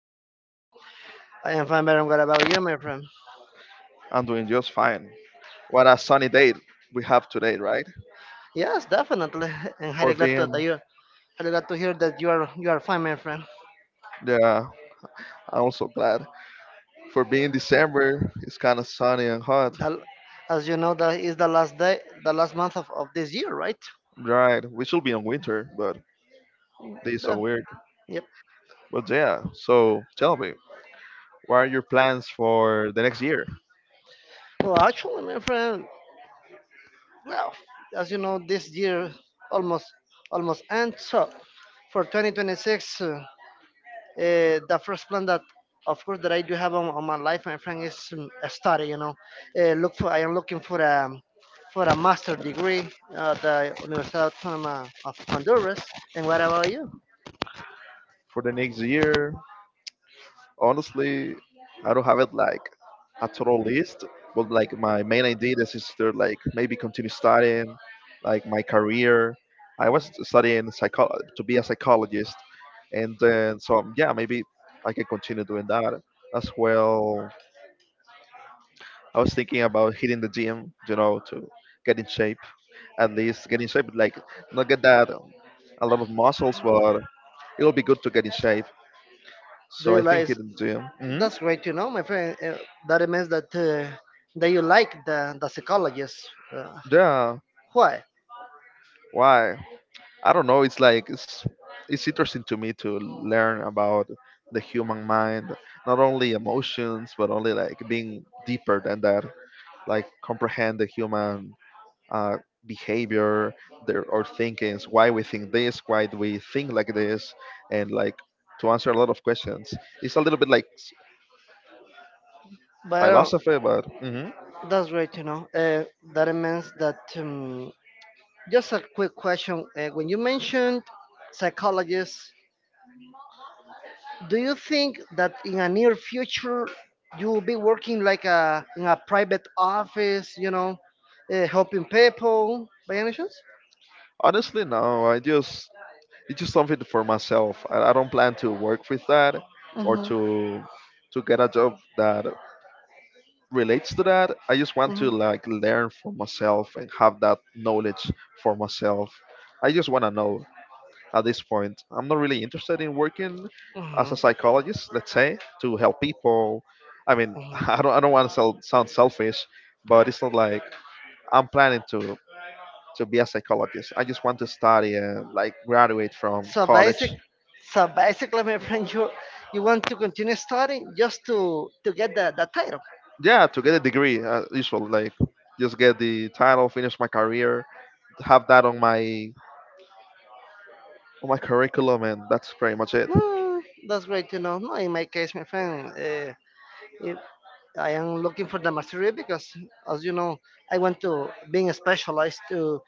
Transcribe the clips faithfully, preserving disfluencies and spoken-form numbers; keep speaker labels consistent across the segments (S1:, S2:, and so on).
S1: doing, Oscar?
S2: I am fine, Baron. What about you, my friend?
S1: I'm doing just fine. What a sunny day we have today, right?
S2: Yes, definitely. And
S1: For
S2: highly glad to, that
S1: being,
S2: you, highly glad to hear that you are you are fine, my friend.
S1: yeah, I'm also glad. For being December, it's kind of sunny and hot,
S2: That, as you know, that is the last day, the last month of, of this year, right?
S1: right? We should be in winter, but days are
S2: The-
S1: weird.
S2: yep.
S1: But yeah, so tell me, what are your plans for the next year?
S2: Well, actually, my friend, well, As you know, this year almost almost ends. So for twenty twenty-six. Uh, the first plan that of course that I do have on, on my life, my friend, is um, a study. You know uh, look for I am looking for a for a master degree at the Universidad Autónoma of Honduras. And what about you?
S1: For the next year, honestly, I don't have it like a total list, but like my main idea this is to like maybe continue studying, like my career. I was studying psycho to be a psychologist, and then so yeah, maybe I can continue doing that as well. I was thinking about hitting the gym, you know, to get in shape. At least get in shape, like not get that um, a lot of muscles, but it will be good to get in shape.
S2: Do
S1: So I
S2: you
S1: think
S2: like,
S1: hitting the gym. Hmm.
S2: that's great, you know, my friend. Uh, that means that uh, that you like the the psychologist. uh,
S1: Yeah.
S2: why?
S1: Why? I don't know. It's like it's it's interesting to me to learn about the human mind, not only emotions, but only like being deeper than that, like comprehend the human uh, behavior, their or thinkings, why we think this, why do we think like this, and like to answer a lot of questions. It's a little bit like s-
S2: But I don't,
S1: philosophy, but mhm.
S2: That's great, you know uh, that means that um, just a quick question. Uh, when you mentioned psychologist, do you think that in a near future you will be working like a in a private office? You know, uh, helping people by any chance?
S1: Honestly, no. I just it's just something for myself. I, I don't plan to work with that or
S2: Hmm.
S1: to to get a job that relates to that. I just want to
S2: Hmm.
S1: like learn for myself and have that knowledge for myself. I just want to know at this point. I'm not really interested in working as
S2: Hmm.
S1: a psychologist, let's say, to help people. I mean, I don't I don't want to sound selfish, but it's not like I'm planning to to be a psychologist. I just want to study and like graduate from
S2: So
S1: college.
S2: basic, so basically, my friend, you you want to continue studying just to to get the, the title.
S1: Yeah, to get a degree, uh, usual like just get the title, finish my career, have that on my on my curriculum, and that's pretty much it.
S2: Mm, that's great to know. No, in my case, my friend, uh, if, I am looking for the mastery because, as you know, I want to being specialized to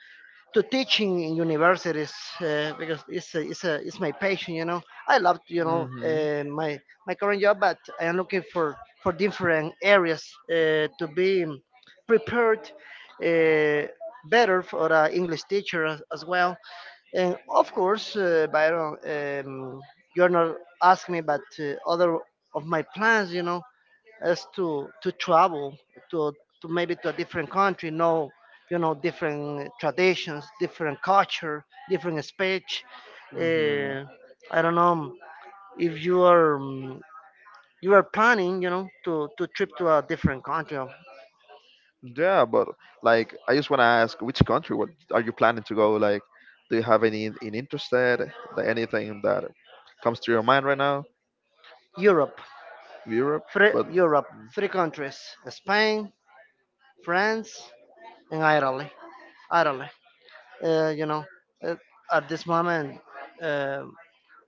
S2: to teaching in universities, uh, because it's a, it's a, it's my passion. You know, I love, you know uh, my my current job, but I am looking for for different areas uh, to be prepared, uh, better, for an English teacher as, as well. And of course, uh, Byron, um, you're not asking me, but uh, other of my plans, you know, is to to travel to, to maybe to a different country. Know you know different traditions, different culture, different speech.
S1: Hmm. Hmm.
S2: uh, I don't know, um, if you are um, you are planning, you know, to to trip to a different country of
S1: Yeah, but like I just want to ask, which country what are you planning to go? Like, do you have any in in interest, anything that comes to your mind right now?
S2: Europe.
S1: Europe,
S2: Three
S1: but
S2: Europe, three countries. Spain, France, and Italy. Italy. uh, you know uh, at this moment, uh,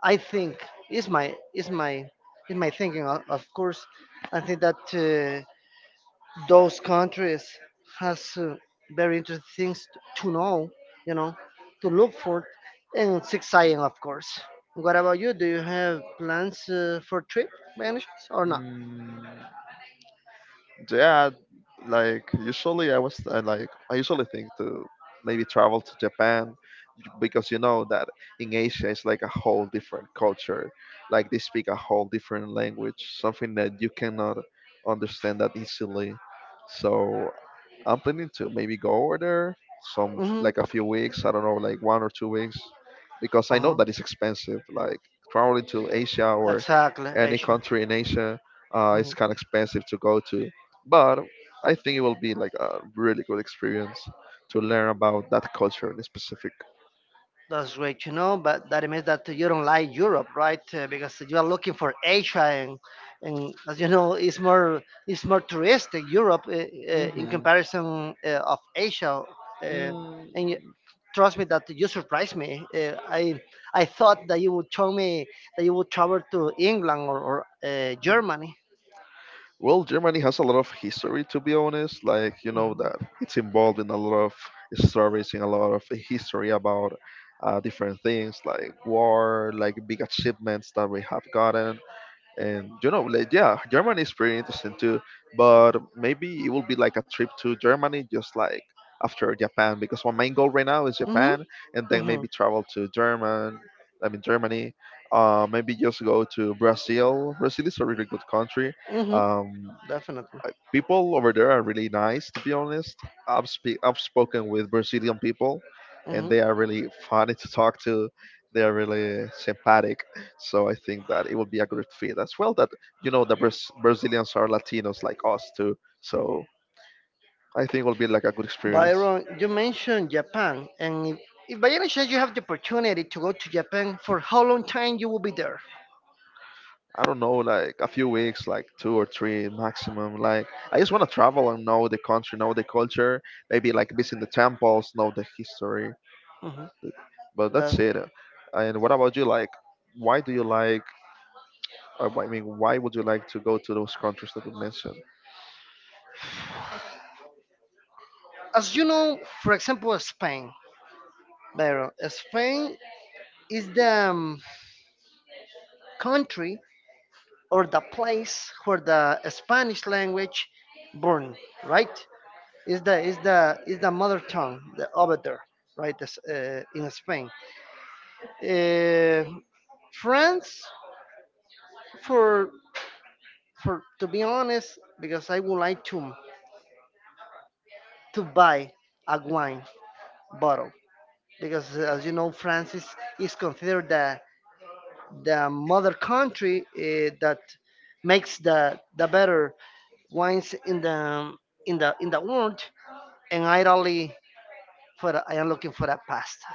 S2: I think is my is my is my thinking. o- Of course, I think that uh, those countries has, uh, very interesting things t- to know, you know, to look for, and six eyeing, of course. What about you? Do you have plans uh, for trip by any chance or not?
S1: mm. Yeah, like usually I was uh, like I usually think to maybe travel to Japan, j- because you know that in Asia it's like a whole different culture, like they speak a whole different language, something that you cannot understand that easily. So I'm planning to maybe go over there some
S2: Mm-hmm.
S1: like a few weeks. I don't know, like one or two weeks, because I know
S2: Uh-huh.
S1: that it's expensive. Like traveling to Asia or
S2: Exactly,
S1: any
S2: Asia.
S1: country in Asia, uh, it's kind of expensive to go to. But I think it will be like a really good experience to learn about that culture in specific.
S2: That's great to know, but that means that you don't like Europe, right? Uh, because you are looking for Asia, and, and as you know, it's more it's more touristic Europe uh, uh, in
S1: Hmm.
S2: comparison uh, of Asia. Uh, and you,
S1: Mm.
S2: trust me, that you surprised me. Uh, I I thought that you would tell me that you would travel to England, or, or uh, Germany.
S1: Well, Germany has a lot of history, to be honest. Like, you know, that it's involved in a lot of stories, in a lot of history about uh, different things like war, like big achievements that we have gotten. And, you know, like, yeah, Germany is pretty interesting too. But maybe it will be like a trip to Germany, just like after Japan, because my main goal right now is
S2: Mhm.
S1: Japan, and then
S2: Mhm.
S1: maybe travel to German. I mean, Germany. Uh, maybe just go to Brazil. Brazil is a really good country.
S2: Mhm.
S1: Um,
S2: Definitely.
S1: people over there are really nice, to be honest. I've speak i've spoken with Brazilian people, and
S2: Mhm.
S1: they are really funny to talk to. They are really sympathetic, so I think that it will be a good fit as well. That, you know, the Braz- brazilians are Latinos like us too, so I think it will be like a good experience.
S2: Byron, you mentioned Japan, and if, if by any chance you have the opportunity to go to Japan, for how long time you will be there?
S1: I don't know, like a few weeks, like two or three maximum. Like I just want to travel and know the country, know the culture, maybe like visit the temples, know the history.
S2: Mhm.
S1: But that's
S2: That,
S1: it. And what about you? Like, why do you like? Uh, I mean, why would you like to go to those countries that you mentioned?
S2: as you know, for example, Spain. Byron, Spain is the, um, country, or the place where the Spanish language born, right? Is the is the is the mother tongue the over there, right? This, uh, in Spain, uh, France, for for to be honest, because I would like to to buy a wine bottle, because uh, as you know, France is, is considered the the mother country uh, that makes the the better wines in the in the in the world. And I really, for I am looking for a pasta,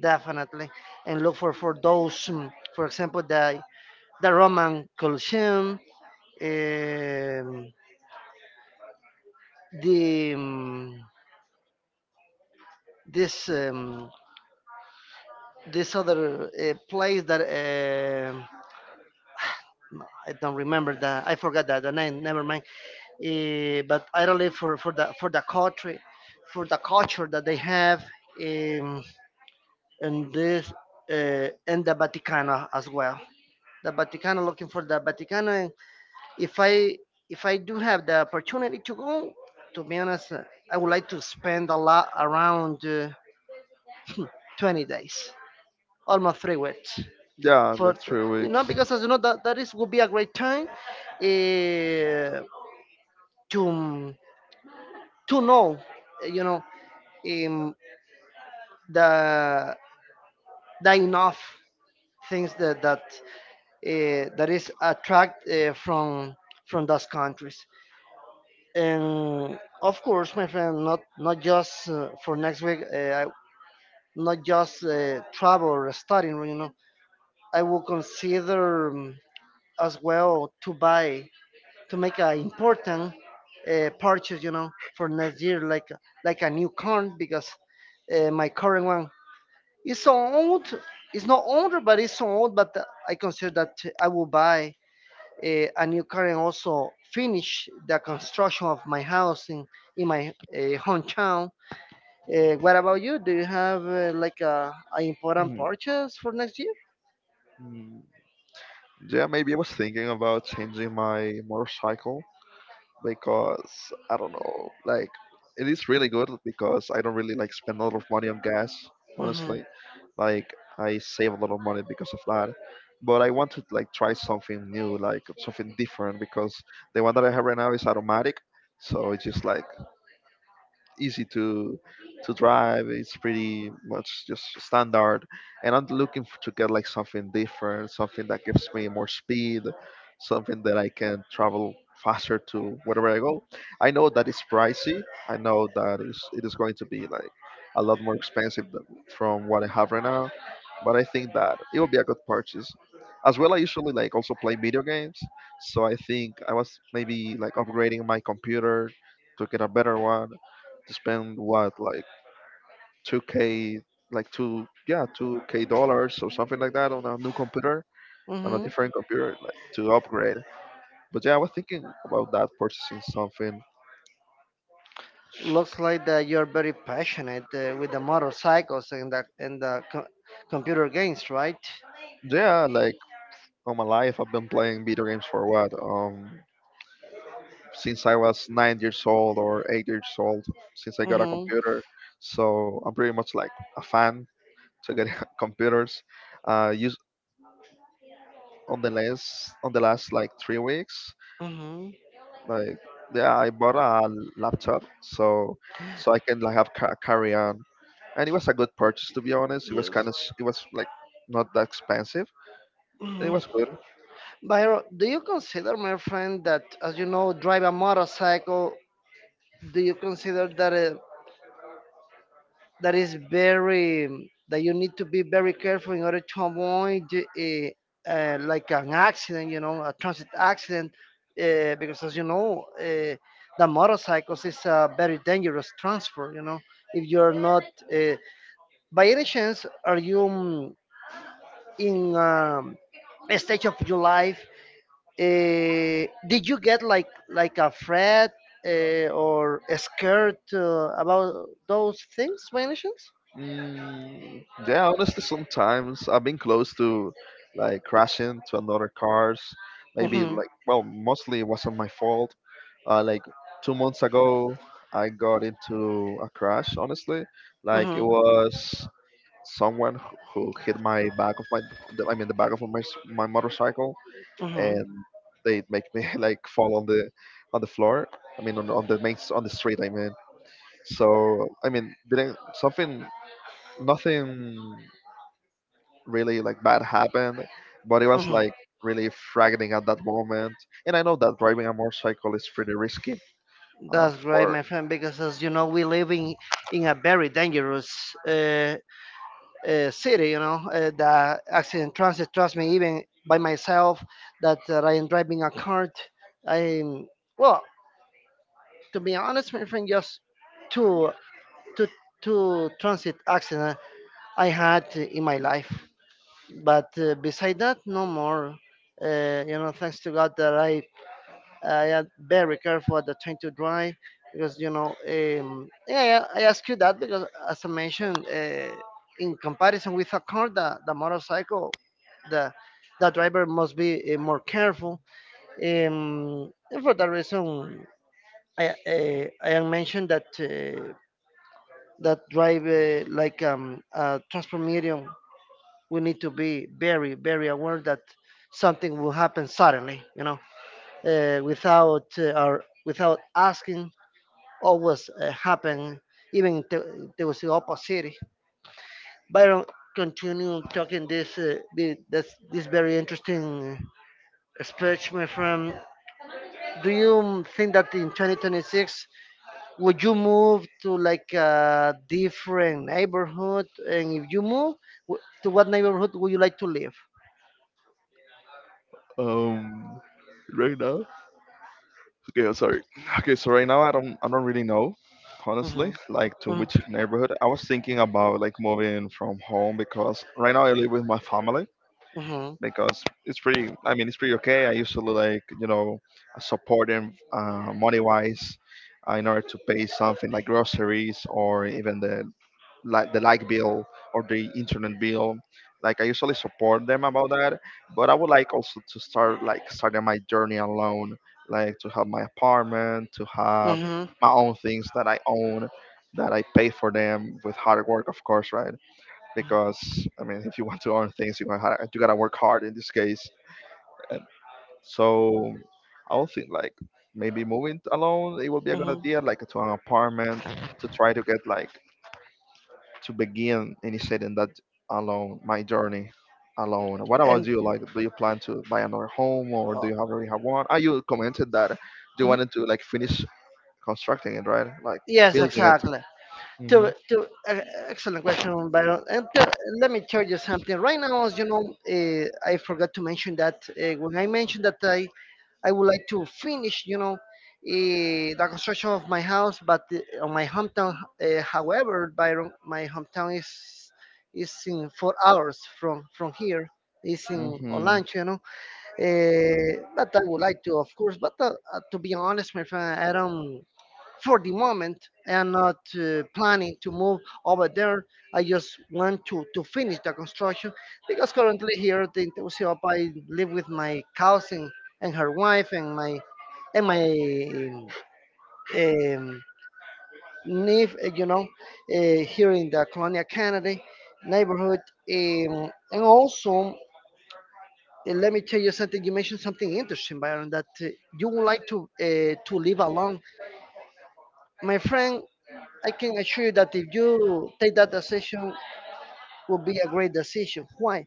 S2: definitely, and look for for those, mm, for example, the the Roman Colosseum, um, the um, this um, this other uh, place that, um no, I don't remember the I forgot that the name. Never mind. Uh, but I really, for for the for the country, for the culture that they have, um, in this uh, in the Vaticano as well, the Vaticano, looking for the Vaticano. if I if I do have the opportunity to go, to be honest, uh, I would like to spend a lot around, uh, twenty days, almost three weeks.
S1: Yeah,
S2: For
S1: like
S2: th-
S1: three
S2: you
S1: weeks.
S2: know, because as you know, that that is would be a great time uh, to to know, uh, you know, um, the the enough things that that, uh, that is attract, uh, from from those countries. And of course, my friend, not not just uh, for next week. uh, I, Not just uh, travel or studying, you know. I will consider, um, as well, to buy to make an important uh, purchase, you know, for next year, like like a new car, because uh, my current one is so old. It's not older, but it's so old. But I consider that I will buy. Eh, and you can also finish the construction of my house in, in my uh, hometown. Uh, what about you? Do you have uh, like a, a important
S1: Mm,
S2: purchase for next year?
S1: mm. Yeah, maybe I was thinking about changing my motorcycle because I don't know, like it is really good because I don't really like spend a lot of money on gas,
S2: Hmm.
S1: honestly. Like I save a lot of money because of that. But I want to like try something new, like something different, because the one that I have right now is automatic, so it's just like easy to to drive. It's pretty much just standard, and I'm looking f- to get like something different, something that gives me more speed, something that I can travel faster to wherever I go. I know that it's pricey. I know that it's, it is going to be like a lot more expensive th- from what I have right now, but I think that it will be a good purchase. As well, I usually like also play video games, so I think I was maybe like upgrading my computer to get a better one, to spend what like two k, like two, yeah, 2k dollars or something like that on a new computer, on a
S2: Hmm.
S1: different computer like to upgrade. But yeah, I was thinking about that, purchasing something.
S2: Looks like that you're very passionate uh, with the motorcycles and the and the co- computer games, right?
S1: Yeah, like all my life I've been playing video games for what um since I was nine years old or eight years old, since I got a
S2: Hmm.
S1: computer. So I'm pretty much like a fan to get computers. Uh use on the last on the last like three weeks.
S2: Hmm.
S1: Like, yeah, I bought a laptop, so so I can like have ca- carry on, and it was a good purchase, to be honest. It was kind
S2: Yes.
S1: of it was like not that expensive, and it was
S2: Hmm.
S1: good.
S2: Byron, do you consider, my friend, that as you know, drive a motorcycle? Do you consider that uh, that is very, that you need to be very careful in order to avoid uh, uh, like an accident, you know, a transit accident? Uh, because as you know, uh, the motorcycles is a very dangerous transport. You know, if you're not, uh, by any chance, are you? Mm, in um, A stage of your life, uh, did you get like like a threat uh, or scared uh, about those things by any chance?
S1: Mm, yeah, honestly, sometimes I've been close to like crashing to another cars. Maybe
S2: Mm-hmm.
S1: like well, mostly it wasn't my fault. Uh, like two months ago, I got into a crash. Honestly, like it
S2: Mm-hmm.
S1: was. Someone who who hit my back of my the- I mean the back of my s- my motorcycle,
S2: Mm-hmm.
S1: and they make me like fall on the on the floor. I mean on, on the main s- on the street. I mean so I mean didn't something nothing really like bad happened, but it was
S2: Mm-hmm.
S1: like really frightening at that moment. And I know that driving a motorcycle is pretty risky. Uh,
S2: That's right,
S1: for
S2: my friend, because as you know, we live in, in a very dangerous uh, uh, city, you know, uh, the accident transit. Trust me, even by myself, that uh, I am driving a cart. I'm well, to be honest, my friend, just two two two transit accident I had in my life. But uh, beside that, no more. Uh, you know, thanks to God that I I am very careful at the time to drive, because you know. Um, yeah, I I ask you that because, as I mentioned, uh, in comparison with a car, the, the motorcycle, the the driver must be uh, more careful. Um, and for that reason, I uh, I am mentioned that uh, that drive uh, like um, a transport medium, we need to be very very aware that something will happen suddenly. You know, uh, without uh, or without asking, always uh, happen, even if there there was the opposite. Byron, continue talking this, uh, the- this, this very interesting speech, my friend. Do you think that in twenty twenty-six would you move to like a different neighborhood, and if you move, wh- to what neighborhood would you like to live?
S1: um right now. Okay, sorry. Okay, so right now I don't I don't really know,
S2: Mm-hmm.
S1: honestly, like to
S2: Mm-hmm.
S1: which neighborhood. I was thinking about like moving from home because right now I live with my family
S2: Mm-hmm.
S1: because it's pretty. I mean, it's pretty okay. I usually like, you know, support them uh, money wise uh, in order to pay something like groceries or even the like the light bill or the internet bill. Like I usually support them about that, but I would like also to start like starting my journey alone, like to have my apartment, to have my own things that I own, that I pay for them with hard work, of course, right? Because I mean, if you want to own things, you gotta ha- you gotta work hard in this case. And so I would think like maybe
S2: Mm-hmm.
S1: moving alone, it would be a good idea, like to an
S2: Mm-hmm.
S1: apartment to try to get like to begin any setting that alone my journey alone. What
S2: And
S1: about you? Like, do you plan to buy another home or do you
S2: uh,
S1: already have one? Ah, you commented that you
S2: mhm,
S1: wanted to like finish constructing it, right? Like
S2: yes,
S1: building
S2: exactly. To,
S1: it.
S2: to, uh, Excellent question, Byron. And uh, let me tell you something. Right now, as you know, uh, I forgot to mention that uh, when I mentioned that I, I would like to finish, you know, uh, the construction of my house, but uh, on my hometown. Uh, however, Byron, my hometown is is in four hours from from here. It's
S1: Hmm.
S2: in
S1: Hmm.
S2: Olancho, you know. Eh, but I would like to, of course. But uh, uh, to be honest, my friend, I don't. For the moment, I am not uh, planning to move over there. I just want to to finish the construction, because currently here at in Tegucigalpa, I live with my cousin and her wife and my and my um, niece. uh, You know, uh, here in the Colonia Canada neighborhood, um, and also. Uh, let me tell you something. You mentioned something interesting, Byron, that uh, you would like to uh, to live alone. My friend, I can assure you that if you take that decision, will be a great decision. Why?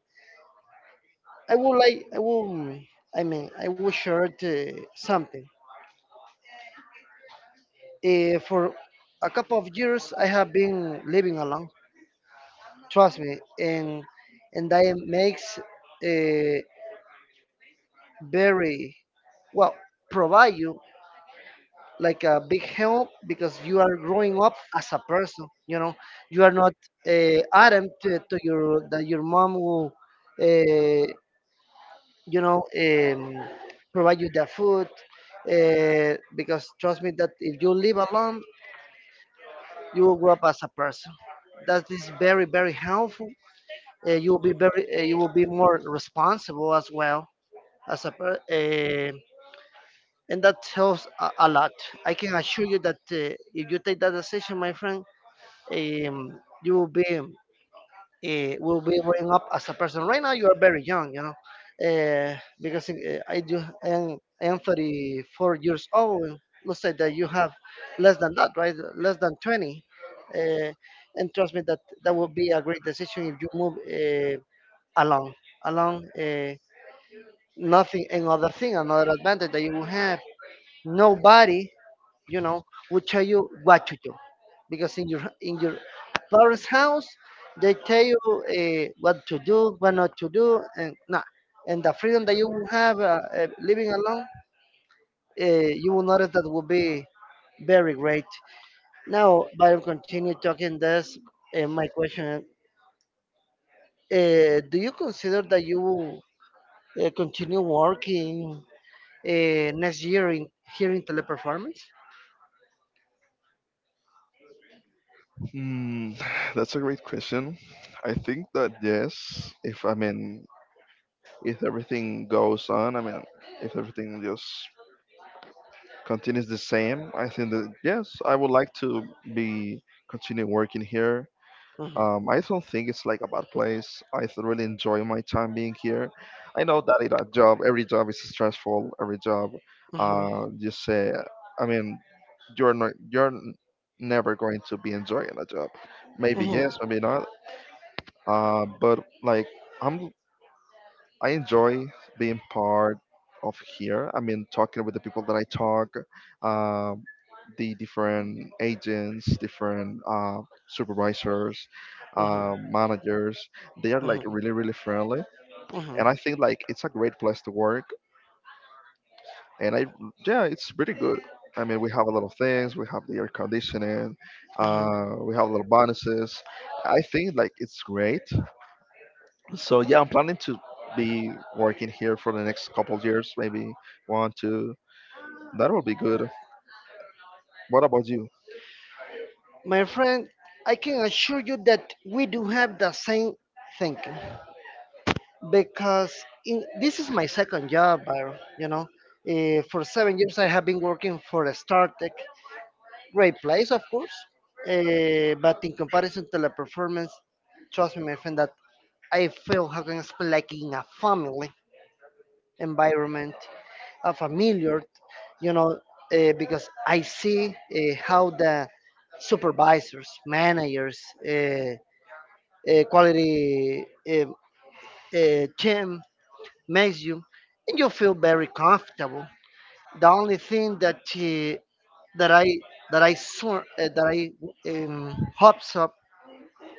S2: I would like. I will. I mean, I will share uh, something. Uh, for a couple of years, I have been living alone. Trust me, and and that makes uh, very well, provide you like a big help, because you are growing up as a person, you know, you are not uh, adam to, to your, that your mom will, uh, you know um, provide you the food, uh, because trust me that if you live alone, you will grow up as a person that is very very helpful. Uh, you will be very uh, you will be more responsible as well, as a per- uh, and that helps a, a lot. I can assure you that uh, if you take that decision, my friend, um, you will be, uh, will be growing up as a person. Right now, you are very young, you know, uh, because uh, I do I am, I am thirty-four years old. Let's say that you have less than that, right? Less than twenty, uh, and trust me that that will be a great decision if you move uh, along, along. Uh, nothing, Another thing, another advantage that you will have. Nobody, you know, will tell you what to do because in your in your parents' house they tell you uh, what to do, what not to do, and nah. And the freedom that you will have uh, uh, living alone, uh, you will notice, that will be very great. Now, while I continue talking this, uh, my question, uh, do you consider that you will uh, continue working uh, next year in here in teleperformance?
S1: Hmm, that's a great question. I think that yes, if I mean, if everything goes on, I mean, if everything just continues the same, I think that yes, I would like to be continue working here.
S2: Mhm.
S1: Um, I don't think it's like a bad place. I th- really enjoy my time being here. I know that it, a job, every job is stressful. Every job,
S2: Mhm.
S1: uh, you say, I mean, you're not, you're n- never going to be enjoying a job. Maybe
S2: Mhm.
S1: yes, maybe not. Uh, but like, I'm I enjoy being part of here. I mean, talking with the people that I talk, um, the different agents, different uh, supervisors,
S2: Mhm.
S1: uh, managers. They are like
S2: Mhm.
S1: really, really friendly,
S2: Uh-huh.
S1: and I think like it's a great place to work. And I, yeah, it's pretty good. I mean, we have a lot of things. We have the air conditioning.
S2: Uh-huh.
S1: Uh, we have little bonuses. I think like it's great. So yeah, I'm planning to be working here for the next couple of years, maybe one, two. That would be good. What about you?
S2: My friend, I can assure you that we do have the same thinking, because in, this is my second job, I- you know. Uh, for seven years, I have been working for a StarTech. Great place, of course. Uh, but in comparison to the performance, trust me, my friend, that I feel, how can I explain, like in a family environment. A familiar, you know, uh, because I see uh, how the supervisors, managers, uh, uh, quality uh, uh, team makes you, and you feel very comfortable. The only thing that uh, that I that I saw, uh, that I, um, hopes up,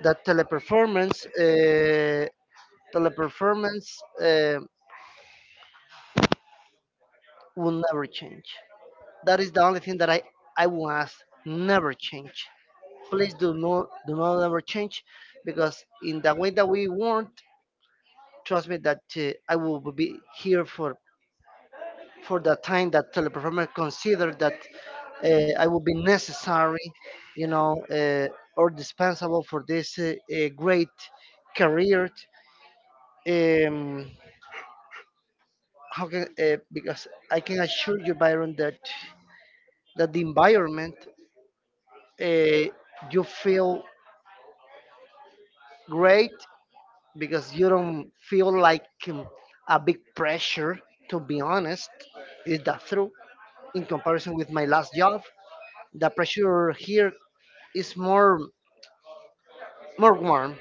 S2: that teleperformance uh, teleperformance uh, will never change. That is the only thing that I I will ask, never change. Please, do not do not ever change, because in the way that we want, trust me that uh, I will be here for for the time that teleperformer consider that uh, I will be necessary, you know, uh, or dispensable for this uh, uh, great career. um, how can uh, because I can assure you, Byron, that that the environment, uh, you feel great, because you don't feel like um, a big pressure, to be honest. Is that true? In comparison with my last job, the pressure here is more, more warm.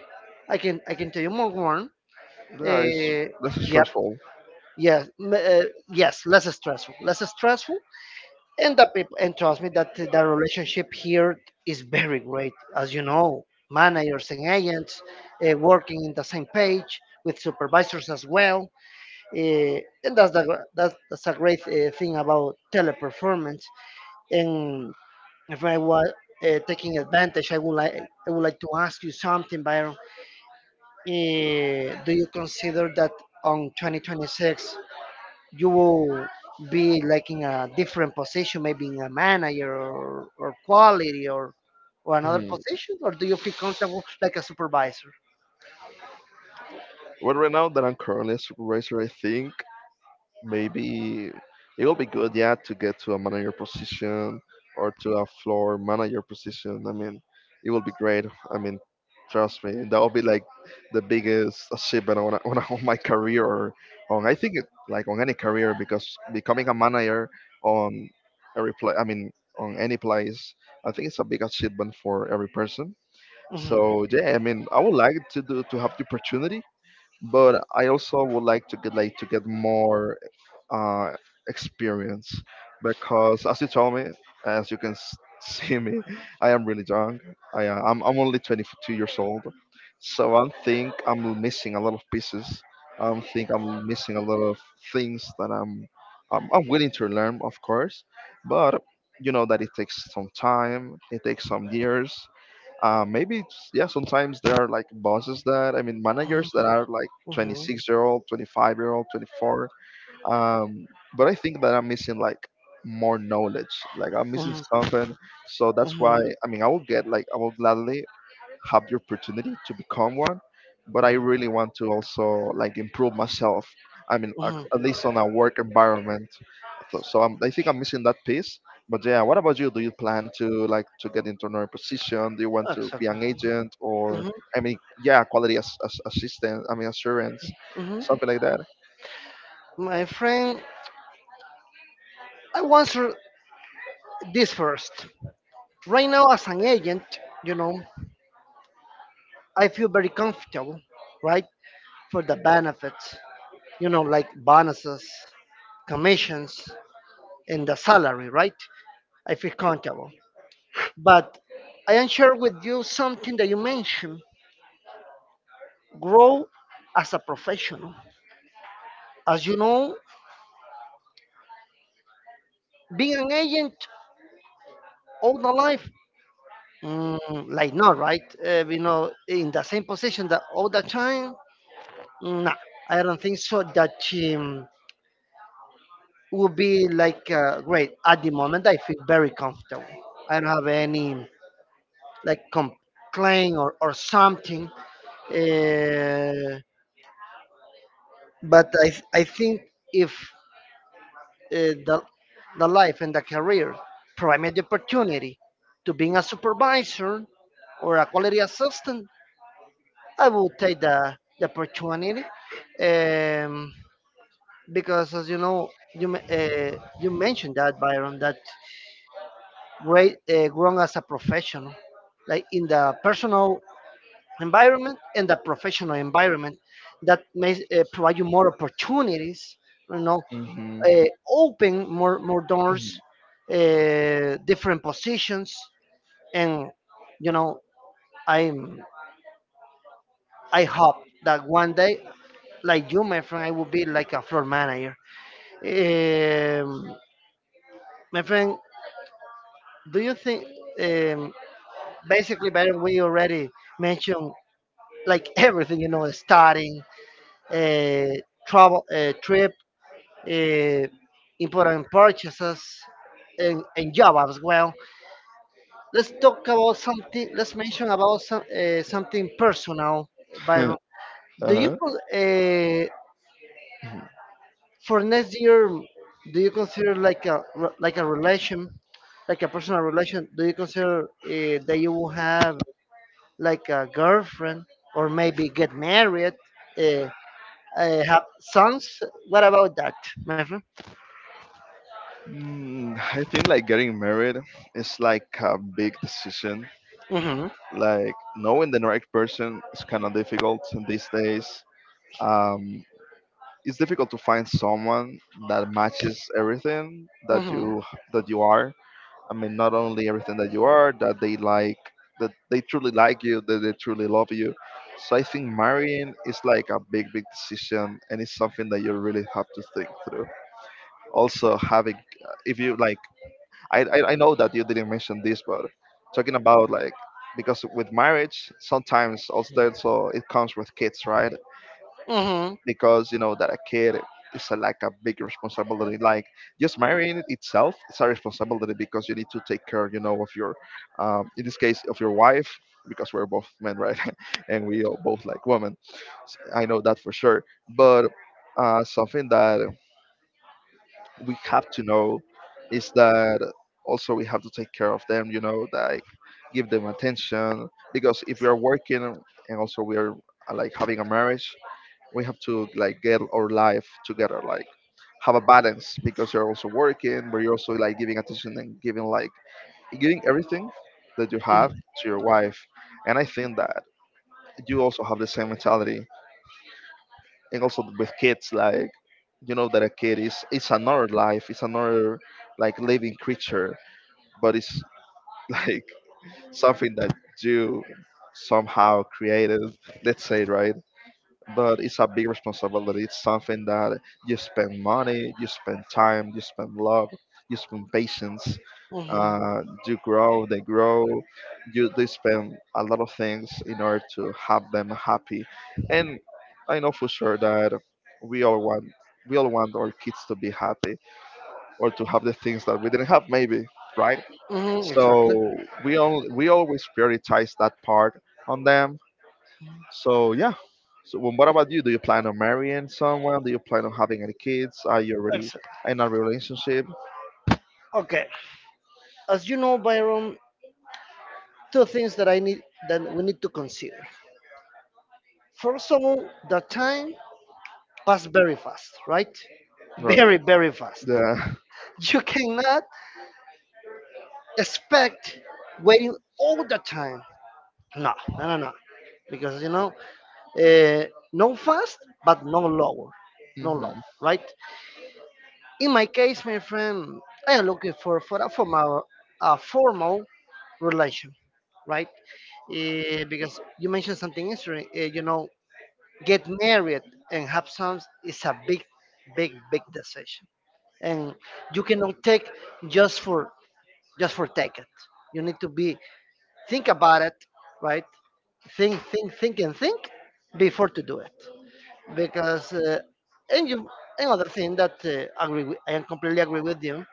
S2: I can i can tell you, more warm.
S1: Yeah, it's
S2: uh,
S1: that's
S2: yep.
S1: stressful.
S2: yes m- uh, yes, less stressful, less stressful. And the people, and trust me that the relationship here is very great, as you know, managers and agents uh, working in the same page with supervisors as well. Eh, and that's the gr- that's, that's a great uh, thing about teleperformance. And if I was uh, taking advantage, I would like I would like to ask you something, Byron. Eh, do you consider that on twenty twenty-six you will be like in a different position, maybe in a manager, or, or quality, or or another
S1: Hmm.
S2: position, or do you feel comfortable like a supervisor?
S1: Well, right now that I'm currently a supervisor, I think maybe it will be good, yeah, to get to a manager position or to a floor manager position. I mean, it will be great. I mean, trust me, that will be like the biggest achievement on, on, on my career or on I think it, like on any career because becoming a manager on every place, I mean, on any place, I think it's a big achievement for every person.
S2: Mhm.
S1: So yeah, I mean, I would like to do to have the opportunity but I also would like to get like to get more uh, experience because as you told me, as you can s- see me, I am really young. I uh, I'm I'm only twenty-two years old, so I think I'm missing a lot of pieces. I think I'm missing a lot of things that I'm I'm, I'm willing to learn, of course, but you know that it takes some time, it takes some years, uh, maybe it's, yeah. Sometimes there are like bosses that I mean managers
S2: Mhm.
S1: that are like
S2: Mhm.
S1: twenty-six year old, twenty-five year old, twenty-four. Um, but I think that I'm missing like more knowledge. Like I'm missing
S2: Mhm.
S1: something. So that's why
S2: Mhm.
S1: I mean I will get like I will gladly have the opportunity to become one, but I really want to also like improve myself. I mean, at
S2: Mhm.
S1: at least on a work environment. So, so I'm, I think I'm missing that piece. But yeah, what about you? Do you plan to like to get into another position? Do you want to be
S2: Exactly.
S1: an agent or
S2: Mhm.
S1: I mean, yeah, quality as, as assistant. I mean, assurance,
S2: Mhm.
S1: something like that.
S2: My friend, I answer this first. Right now, as an agent, you know, I feel very comfortable, right? For the benefits, you know, like bonuses, commissions, and the salary, right? I feel comfortable. But I am share with you something that you mentioned, grow as a professional. As you know, being an agent all the life, mm, like not, right? Uh, you know, in the same position that all the time, no, I don't think so. That she, um, would be like uh, great. At the moment, I feel very comfortable. I don't have any like complaint or, or something. Uh, but I th- I think if uh, the the life and the career provide me the opportunity to being a supervisor or a quality assistant, I will take the, the opportunity. Um, because as you know, you uh, you mentioned that, Byron, that great uh, grown as a professional, like in the personal environment and the professional environment, that may uh, provide you more opportunities, you know,
S1: Hmm.
S2: uh, open more, more doors, uh, different positions, and you know, I'm, I hope that one day, like you, my friend, I will be like a floor manager. um, my friend, do you think, um, basically, Byron, we already mentioned like everything, you know, studying, uh, travel, uh, trip, uh, important purchases, and, and job as well. Let's talk about something, let's mention about some, uh, something personal, Byron. Do you
S1: Uh-huh.
S2: uh, for next year, do you consider like a re- like a relation, like a personal relation, do you consider uh, that you will have like a girlfriend, or maybe get married, uh, uh, have sons. What about that, my friend?
S1: mm, I think like getting married is like a big decision.
S2: Mm-hmm.
S1: Like knowing the right person is kind of difficult in these days. Um, it's difficult to find someone that matches everything that
S2: Mm-hmm.
S1: you that you are. I mean, not only everything that you are, that they like, that they truly like you, that they truly love you. So I think marrying is like a big, big decision, and it's something that you really have to think through. Also, having if you like I, I I know that you didn't mention this, but talking about like because with marriage sometimes also there's also it comes with kids, right?
S2: Mm-hmm.
S1: Because you know that a kid is a, like a big responsibility. Like just marrying itself, it's a responsibility because you need to take care, you know, of your, um, in this case, of your wife because we're both men, right? And we are both like women. S- I know that for sure. But uh, something that we have to know is that also we have to take care of them, you know, like give them attention because if we are working and also we are uh, like having a marriage, we have to like get our life together, like have a balance because you're also working but you're also like giving attention and giving like giving everything that you have to your wife. And I think that you also have the same mentality. And also with kids, like, you know that a kid is, it's another life, it's another like living creature, but it's like something that you somehow created, let's say, right? But it's a big responsibility. It's something that you spend money, you spend time, you spend love, you spend patience.
S2: Mm-hmm.
S1: Uh, you grow, they grow. You they spend a lot of things in order to have them happy, and I know for sure that we all want we all want our kids to be happy or to have the things that we didn't have maybe, right?
S2: Mm-hmm.
S1: So
S2: Exactly.
S1: we all we always prioritize that part on them. So yeah. So well, what about you? Do you plan on marrying someone? Do you plan on having any kids? Are you already
S2: Exa-
S1: in a relationship?
S2: Okay. As you know, Byron, two things that I need, that we need to consider. First of all, the time passed very fast, right?
S1: Right.
S2: Very, very fast.
S1: Yeah.
S2: You cannot expect waiting all the time. No, no, no, no. Because you know, Uh, no fast, but no lower, no
S1: Hmm.
S2: low, right? In my case, my friend, I am looking for for a formal, a formal relation, right? Eh, because you mentioned something interesting. Eh, you know, get married and have sons is a big, big, big decision, and you cannot take just for, just for take it. You need to be think about it, right? Think, think, think, and think before to do it, because uh, and you, another thing that uh, agree with, I am completely agree with you.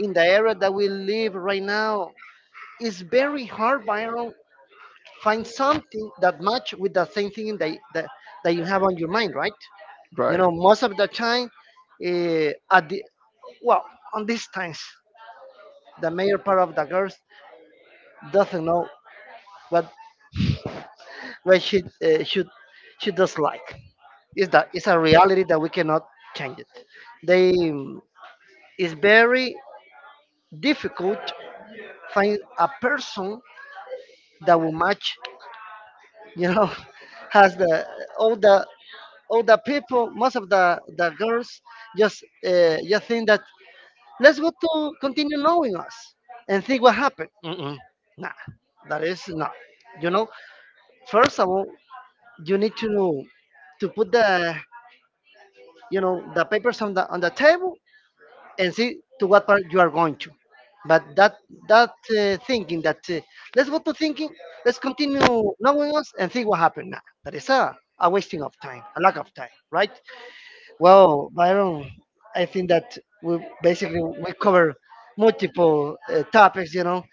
S2: In the era that we live right now, it's very hard, Byron, find something that match with the same thing that, that, that you have on your mind, right? You
S1: Right.
S2: know, most of the time, uh, at the, well, on these times, the major part of the girls doesn't know what what she uh, should, she does like, is that, it's a reality that we cannot change it. They, it's very difficult find a person that will match. You know, has the all the all the people, most of the the girls just uh, just think that let's go to continue knowing us and think what happened. Mm-mm. Nah, that is not. You know, first of all, you need to to put the, you know, the papers on the on the table and see to what part you are going to. But that, that uh, thinking that uh, let's go to thinking, let's continue knowing us and think what happened now. That is a, a wasting of time, a lack of time, right? Well, Byron, I think that we basically we cover multiple uh, topics. You know,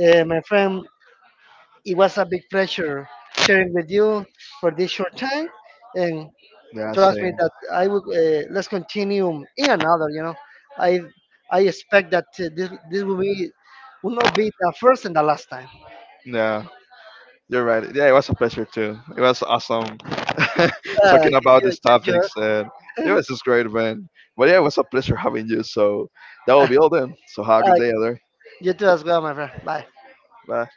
S2: uh, my friend, it was a big pleasure sharing with you for this short time, and
S1: Yeah.
S2: trust me
S1: Same.
S2: that I would uh, let's continue in another. You know, I I expect that uh, this this will be will not be the first and the last time.
S1: Yeah. You're right. Yeah. It was a pleasure too. It was awesome
S2: Uh,
S1: talking about
S2: you, you
S1: these
S2: too.
S1: topics. And it was just great, man. But yeah, it was a pleasure having you. So that will be all then. So have a
S2: Uh,
S1: good day, other.
S2: you too as well, my friend. Bye.
S1: Bye.